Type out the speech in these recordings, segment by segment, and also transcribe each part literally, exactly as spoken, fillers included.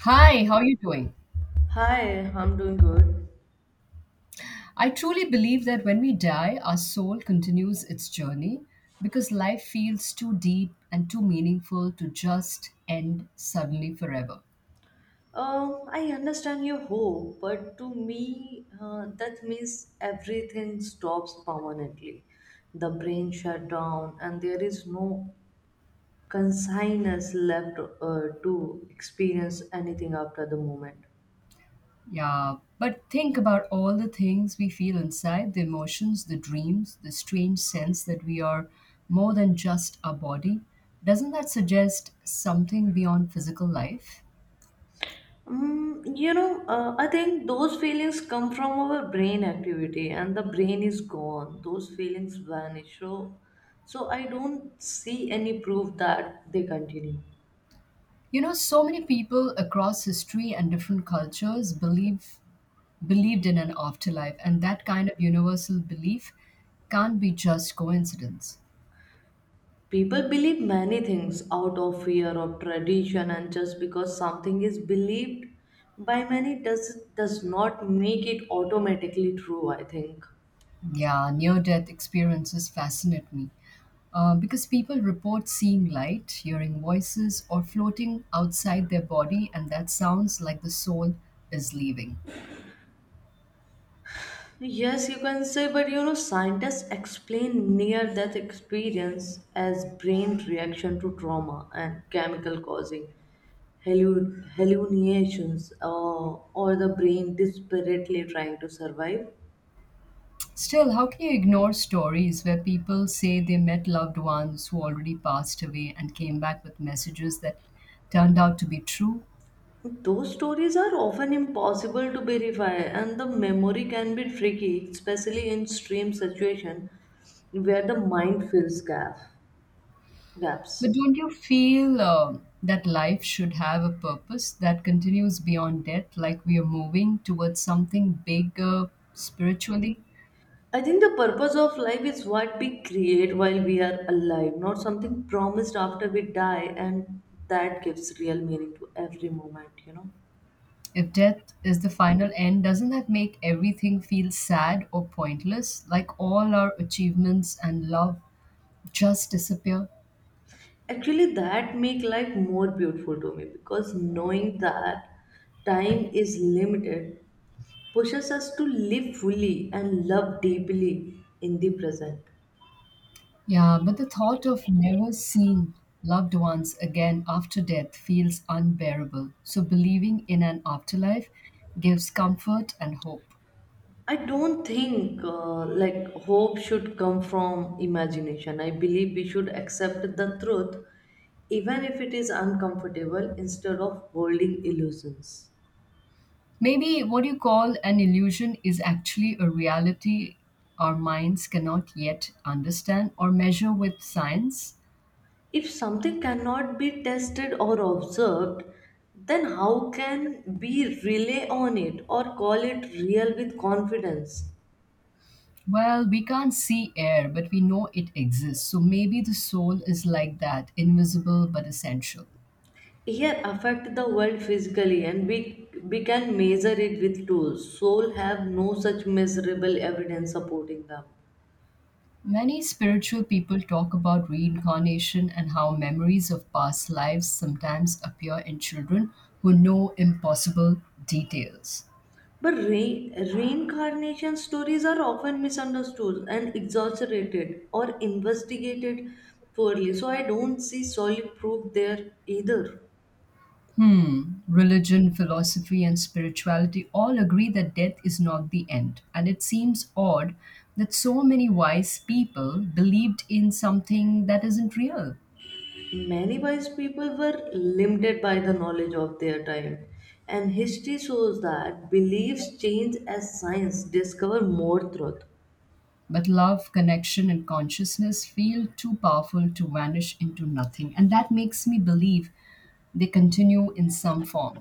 Hi, how are you doing? Hi, I'm doing good. I truly believe that when we die, our soul continues its journey because life feels too deep and too meaningful to just end suddenly forever. Um, I understand your hope, but to me, uh, that means everything stops permanently. The brain shut down, and there is no consciousness left uh, to experience anything after the moment. Yeah, but think about all the things we feel inside the emotions, the dreams, the strange sense that we are more than just our body. Doesn't that suggest something beyond physical life? Mm, you know, uh, I think those feelings come from our brain activity, and the brain is gone. Those feelings vanish. So, so I don't see any proof that they continue. You know, so many people across history and different cultures believe believed in an afterlife, and that kind of universal belief can't be just coincidence. People believe many things out of fear of tradition, and just because something is believed by many does does not make it automatically true, I think. Yeah, near death experiences fascinate me uh, because people report seeing light, hearing voices, or floating outside their body, and that sounds like the soul is leaving. Yes, you can say, but you know, scientists explain near death experience as brain reaction to trauma and chemical causing hallu- hallucinations uh, or the brain desperately trying to survive. Still, how can you ignore stories where people say they met loved ones who already passed away and came back with messages that turned out to be true? Those stories are often impossible to verify, and the memory can be tricky, especially in stream situation where the mind fills gap, But gaps. don't you feel um that life should have a purpose that continues beyond death, like we are moving towards something bigger spiritually? I think the purpose of life is what we create while we are alive, not something promised after we die, and that gives real meaning to every moment, you know. If death is the final end, doesn't that make everything feel sad or pointless? Like all our achievements and love just disappear? Actually, that make life more beautiful to me because knowing that time is limited pushes us to live fully and love deeply in the present. Yeah, but the thought of never seeing loved ones again after death feels unbearable. So believing in an afterlife gives comfort and hope. I don't think uh, like hope should come from imagination. I believe we should accept the truth even if it is uncomfortable instead of holding illusions. Maybe what you call an illusion is actually a reality our minds cannot yet understand or measure with science. If something cannot be tested or observed, then how can we rely on it or call it real with confidence? Well, we can't see air, but we know it exists. So maybe the soul is like that, invisible but essential. Here affect the world physically and we, we can measure it with tools. Soul have no such measurable evidence supporting them. Many spiritual people talk about reincarnation and how memories of past lives sometimes appear in children who know impossible details. But re- reincarnation stories are often misunderstood and exaggerated or investigated poorly. So I don't see solid proof there either. Hmm. Religion, philosophy, and spirituality all agree that death is not the end. And it seems odd that so many wise people believed in something that isn't real. Many wise people were limited by the knowledge of their time. And history shows that beliefs change as science discover more truth. But love, connection, and consciousness feel too powerful to vanish into nothing. And that makes me believe they continue in some form.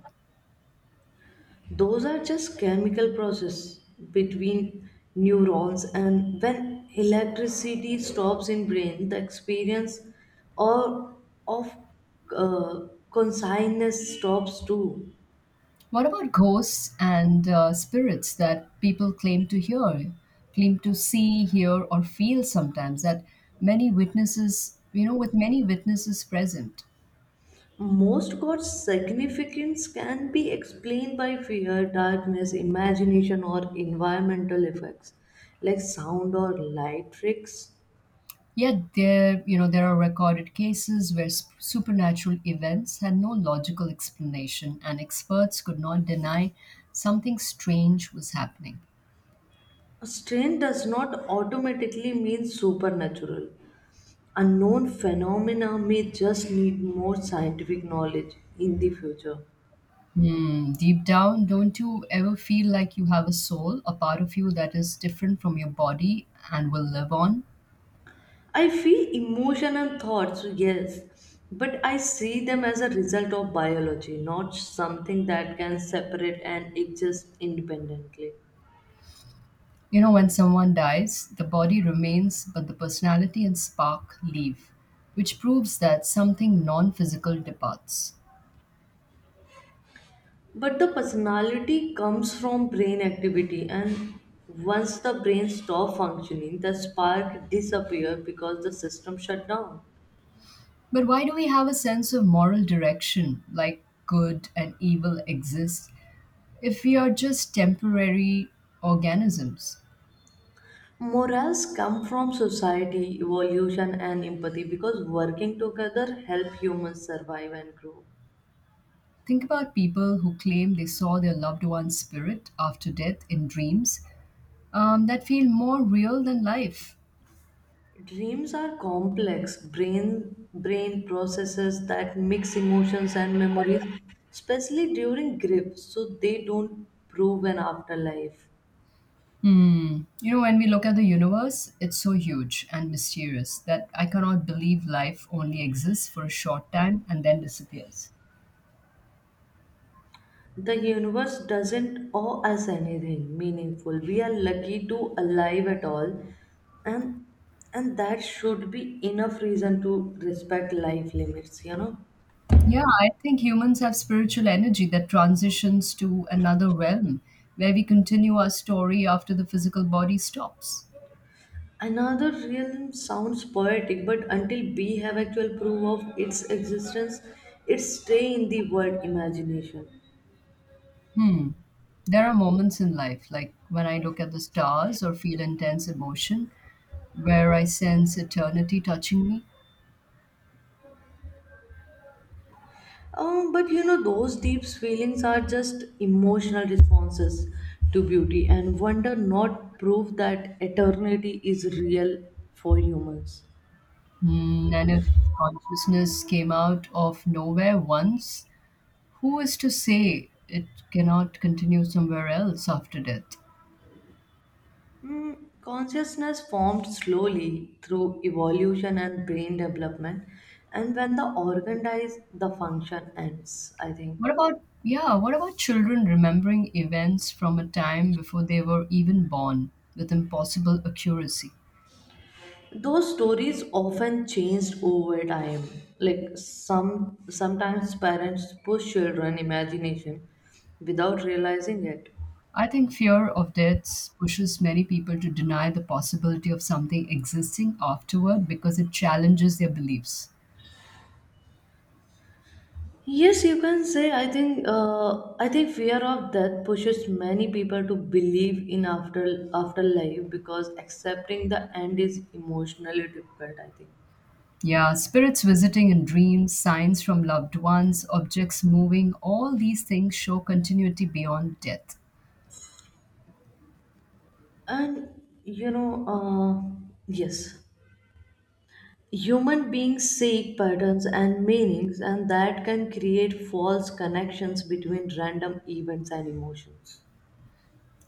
Those are just chemical process between neurons, and when electricity stops in brain, the experience or of uh, consciousness stops too. What about ghosts and uh, spirits that people claim to hear, claim to see, hear, or feel sometimes, that many witnesses, you know, with many witnesses present? Most god's significance can be explained by fear, darkness, imagination, or environmental effects like sound or light tricks. Yet there, you know, there are recorded cases where sp- supernatural events had no logical explanation, and experts could not deny something strange was happening. Strange does not automatically mean supernatural. Unknown phenomena may just need more scientific knowledge in the future. Hmm. Deep down, don't you ever feel like you have a soul, a part of you that is different from your body and will live on? I feel emotion and thoughts, yes, but I see them as a result of biology, not something that can separate and exist independently. You know, when someone dies, the body remains, but the personality and spark leave, which proves that something non physical departs. But the personality comes from brain activity, and once the brain stops functioning, the spark disappears because the system shut down. But why do we have a sense of moral direction, like good and evil exist, if we are just temporary organisms? Morals come from society, evolution, and empathy because working together help humans survive and grow. Think about people who claim they saw their loved one's spirit after death in dreams, um, that feel more real than life. Dreams are complex brain brain processes that mix emotions and memories, especially during grief, so they don't prove an afterlife. Hmm. You know, when we look at the universe, it's so huge and mysterious that I cannot believe life only exists for a short time and then disappears. The universe doesn't owe us anything meaningful. We are lucky to alive at all, and and that should be enough reason to respect life limits, you know. Yeah, I think humans have spiritual energy that transitions to another realm where we continue our story after the physical body stops. Another realm sounds poetic, but until we have actual proof of its existence, it stay in the word imagination. Hmm. There are moments in life, like when I look at the stars or feel intense emotion, where I sense eternity touching me. Um, but you know, those deep feelings are just emotional responses to beauty and wonder, not proof that eternity is real for humans. Mm, and if consciousness came out of nowhere once, who is to say it cannot continue somewhere else after death? Mm, consciousness formed slowly through evolution and brain development, and when the organ dies, the function ends, I think. What about, yeah, what about children remembering events from a time before they were even born with impossible accuracy? Those stories often changed over time, like some sometimes parents push children imagination without realizing it. I think fear of death pushes many people to deny the possibility of something existing afterward because it challenges their beliefs. Yes, you can say, i think uh, i think fear of death pushes many people to believe in after afterlife because accepting the end is emotionally difficult, I think. Yeah, spirits visiting in dreams, signs from loved ones, objects moving, all these things show continuity beyond death. And you know uh, Yes, human beings seek patterns and meanings, and that can create false connections between random events and emotions.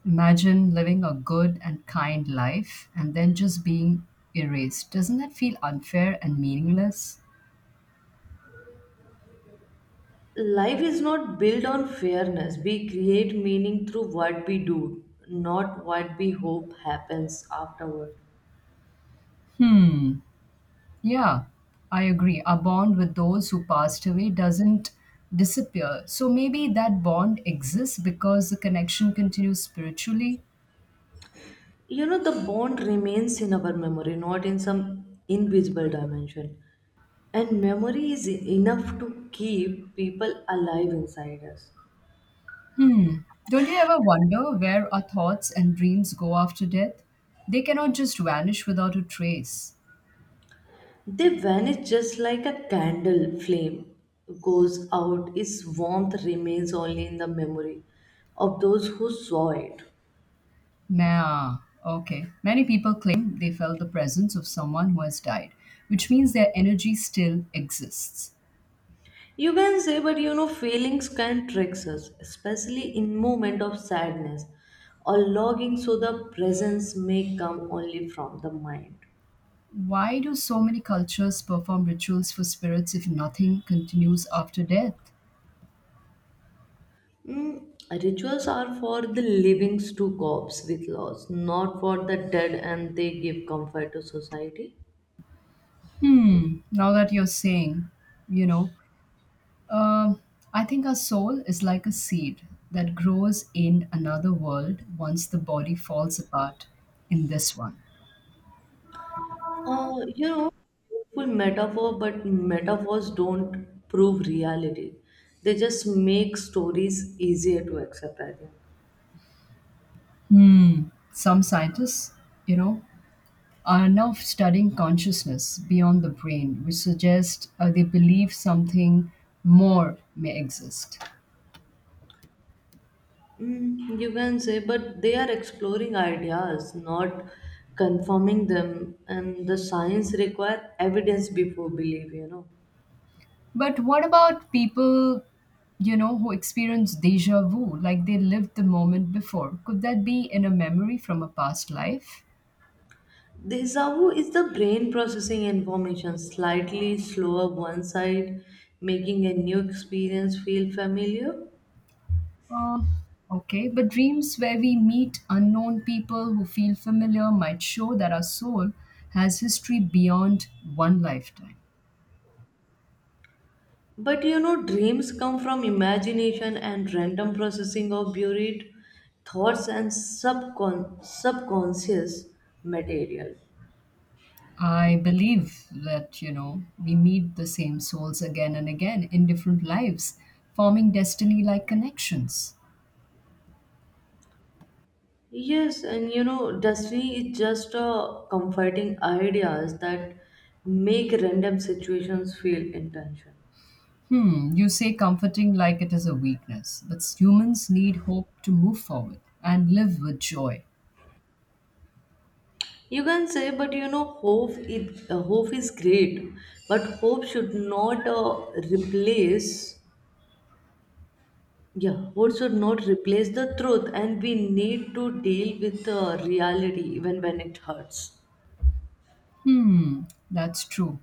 Imagine living a good and kind life and then just being erased. Doesn't that feel unfair and meaningless? Life is not built on fairness. We create meaning through what we do, not what we hope happens afterward. Hmm. Yeah, I agree. Our bond with those who passed away doesn't disappear. So maybe that bond exists because the connection continues spiritually. You know, the bond remains in our memory, not in some invisible dimension. And memory is enough to keep people alive inside us. Don't you ever wonder where our thoughts and dreams go after death? They cannot just vanish without a trace. They vanish just like a candle flame goes out, its warmth remains only in the memory of those who saw it. Nah, okay. Many people claim they felt the presence of someone who has died, which means their energy still exists. You can say, but you know, feelings can trick us, especially in moment of sadness or longing, so the presence may come only from the mind. Why do so many cultures perform rituals for spirits if nothing continues after death? Mm, rituals are for the living to cope with loss, not for the dead, and they give comfort to society. Hmm, now that you're saying, you know, um, I think our soul is like a seed that grows in another world once the body falls apart in this one. Uh, you know, Full metaphor, but metaphors don't prove reality. They just make stories easier to accept, I think. Hmm. Some scientists, you know, are now studying consciousness beyond the brain, which suggests uh, they believe something more may exist. Mm, you can say, but they are exploring ideas, not confirming them, and the science require evidence before belief, you know. But what about people, you know, who experience deja vu, like they lived the moment before? Could that be in a memory from a past life? Desavu is the brain processing information slightly slower one side, making a new experience feel familiar. Uh, okay, but dreams where we meet unknown people who feel familiar might show that our soul has history beyond one lifetime. But you know, dreams come from imagination and random processing of buried thoughts and subcon- subconscious material. I believe that, you know, we meet the same souls again and again in different lives, forming destiny like connections. Yes, and you know, destiny is just uh, comforting ideas that make random situations feel intentional. Hmm, you say comforting like it is a weakness, but humans need hope to move forward and live with joy. You can say, but you know, hope is, uh, hope is great, but hope should not uh, replace. Yeah, what should not replace the truth, and we need to deal with the reality even when it hurts. Hmm, that's true.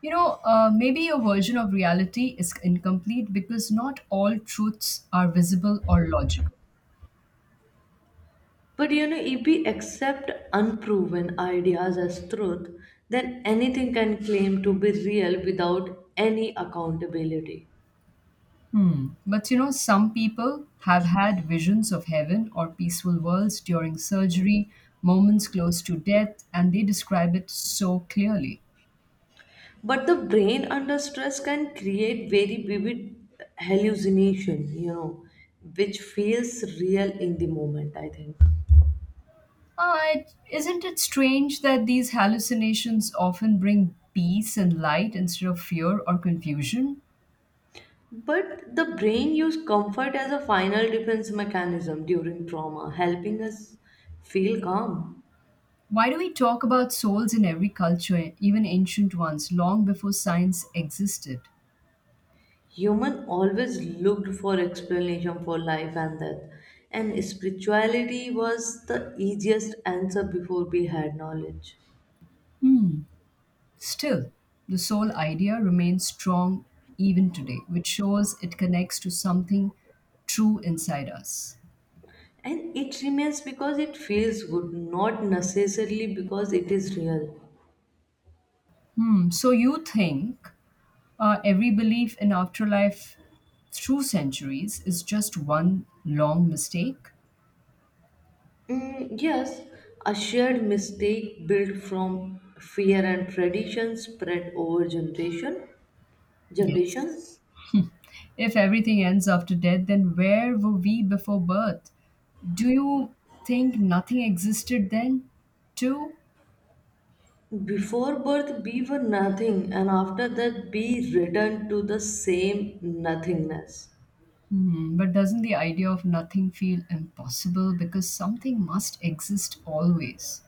You know, uh, maybe your version of reality is incomplete because not all truths are visible or logical. But you know, if we accept unproven ideas as truth, then anything can claim to be real without any accountability. Hmm. But you know, some people have had visions of heaven or peaceful worlds during surgery, moments close to death, and they describe it so clearly. But the brain under stress can create very vivid hallucination, you know, which feels real in the moment, I think. Uh, it- isn't it strange that these hallucinations often bring peace and light instead of fear or confusion? But the brain used comfort as a final defense mechanism during trauma, helping us feel calm. Why do we talk about souls in every culture, even ancient ones, long before science existed? Human always looked for explanation for life and death, and spirituality was the easiest answer before we had knowledge. Hmm. Still, the soul idea remains strong even today, which shows it connects to something true inside us. And it remains because it feels good, not necessarily because it is real. Hmm. So you think uh, every belief in afterlife through centuries is just one long mistake? Mm, yes, a shared mistake built from fear and tradition spread over generation Yes. generations. If everything ends after death, then where were we before birth? Do you think nothing existed then, too? Before birth, we were nothing, and after that, we return to the same nothingness. Hmm, but doesn't the idea of nothing feel impossible because something must exist always?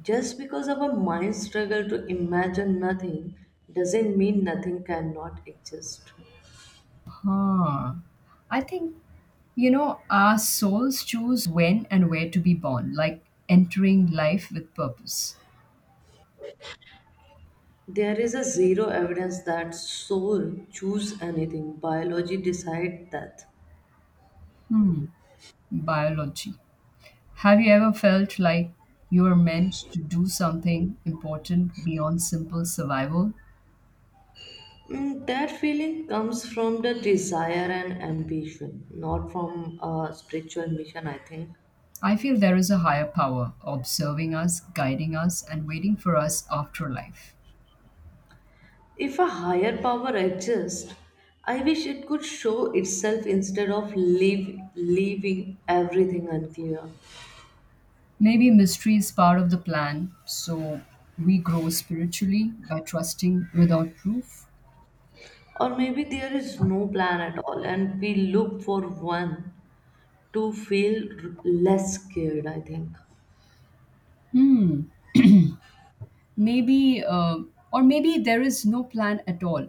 Just because our minds struggle to imagine nothing doesn't mean nothing cannot exist. Huh. I think, you know, our souls choose when and where to be born, like entering life with purpose. There is a zero evidence that soul choose anything. Biology decide that. Hmm. Biology. Have you ever felt like you are meant to do something important beyond simple survival? Mm, that feeling comes from the desire and ambition, not from a spiritual mission, I think. I feel there is a higher power observing us, guiding us, and waiting for us after life. If a higher power exists, I wish it could show itself instead of leave, leaving everything unclear. Maybe mystery is part of the plan, so we grow spiritually by trusting without proof. Or maybe there is no plan at all and we look for one to feel r- less scared, I think. Hmm, maybe, uh, or maybe there is no plan at all.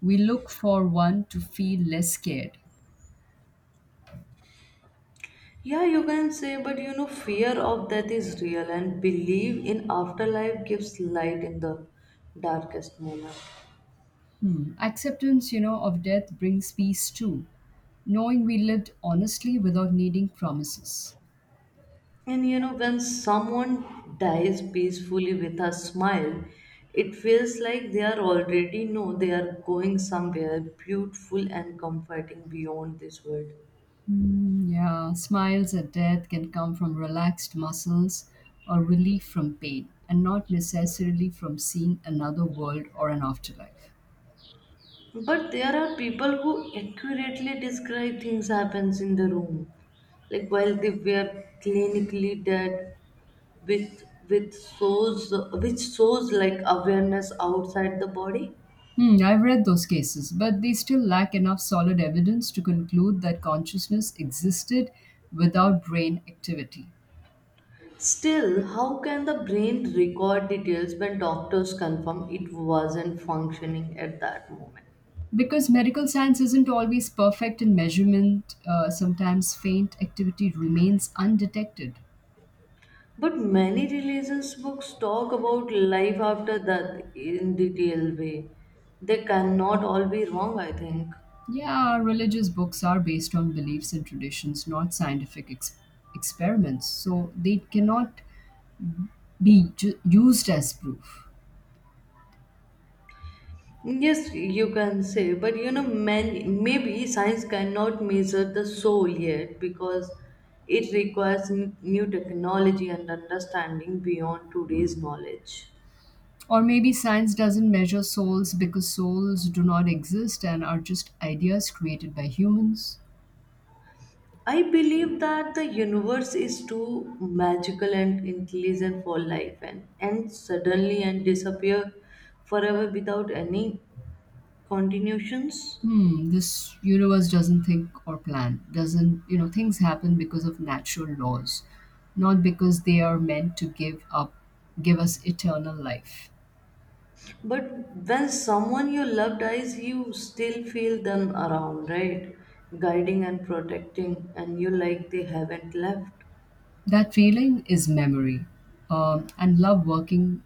We look for one to feel less scared. Yeah, you can say, but you know, fear of death is real and believe in afterlife gives light in the darkest moment. Hmm. Acceptance, you know, of death brings peace too, knowing we lived honestly without needing promises. And you know, when someone dies peacefully with a smile, it feels like they are already know they are going somewhere beautiful and comforting beyond this world. Mm, yeah, smiles at death can come from relaxed muscles or relief from pain, and not necessarily from seeing another world or an afterlife. But there are people who accurately describe things happens in the room, like while they were clinically dead, with with shows which shows like awareness outside the body. Hmm, I've read those cases, but they still lack enough solid evidence to conclude that consciousness existed without brain activity. Still, how can the brain record details when doctors confirm it wasn't functioning at that moment? Because medical science isn't always perfect in measurement, uh, sometimes faint activity remains undetected. But many religious books talk about life after death in detailed way. They cannot all be wrong, I think. Yeah, religious books are based on beliefs and traditions, not scientific ex- experiments. So they cannot be ju- used as proof. Yes, you can say, but you know, man, maybe science cannot measure the soul yet because it requires n- new technology and understanding beyond today's knowledge. Or maybe science doesn't measure souls because souls do not exist and are just ideas created by humans. I believe that the universe is too magical and intelligent for life and and suddenly and disappear forever without any continuations. Hmm, this universe doesn't think or plan. Doesn't, you know, things happen because of natural laws, not because they are meant to give up, give us eternal life. But when someone you love dies, you still feel them around, right? Guiding and protecting, and you like they haven't left. That feeling is memory, um, and love working,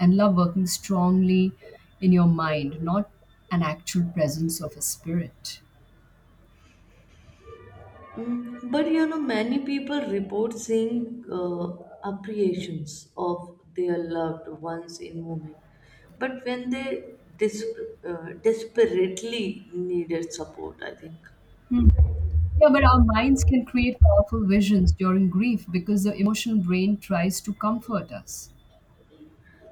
and love working strongly in your mind, not an actual presence of a spirit. Mm, but you know, many people report seeing uh, appreciations of their loved ones in movement. But when they dis uh, desperately needed support, I think. Hmm. Yeah, but our minds can create powerful visions during grief because the emotional brain tries to comfort us.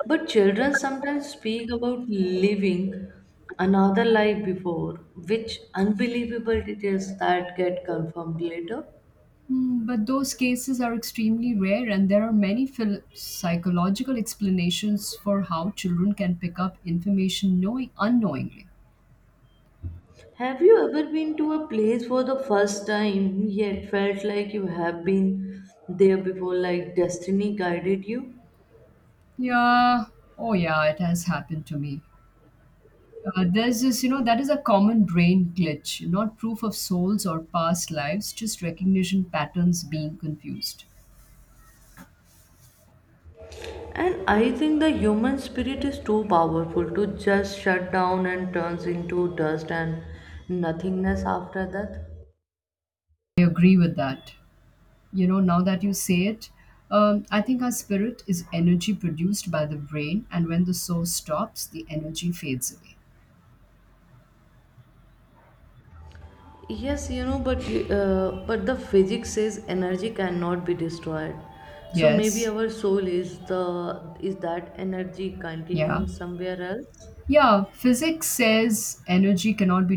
But children sometimes speak about living another life before, which unbelievable details that get confirmed later. Hmm, but those cases are extremely rare, and there are many phil- psychological explanations for how children can pick up information knowing unknowingly. Have you ever been to a place for the first time yet felt like you have been there before, like destiny guided you? Yeah, oh yeah, it has happened to me. Uh, there's this, you know, That is a common brain glitch, not proof of souls or past lives, just recognition patterns being confused. And I think the human spirit is too powerful to just shut down and turns into dust and nothingness after that. I agree with that. You know, now that you say it, um, I think our spirit is energy produced by the brain, and when the soul stops, the energy fades away. Yes, you know, but uh, but the physics says energy cannot be destroyed. So maybe Yes, our soul is the is that energy yeah. continuing somewhere else? Yeah, physics says energy cannot be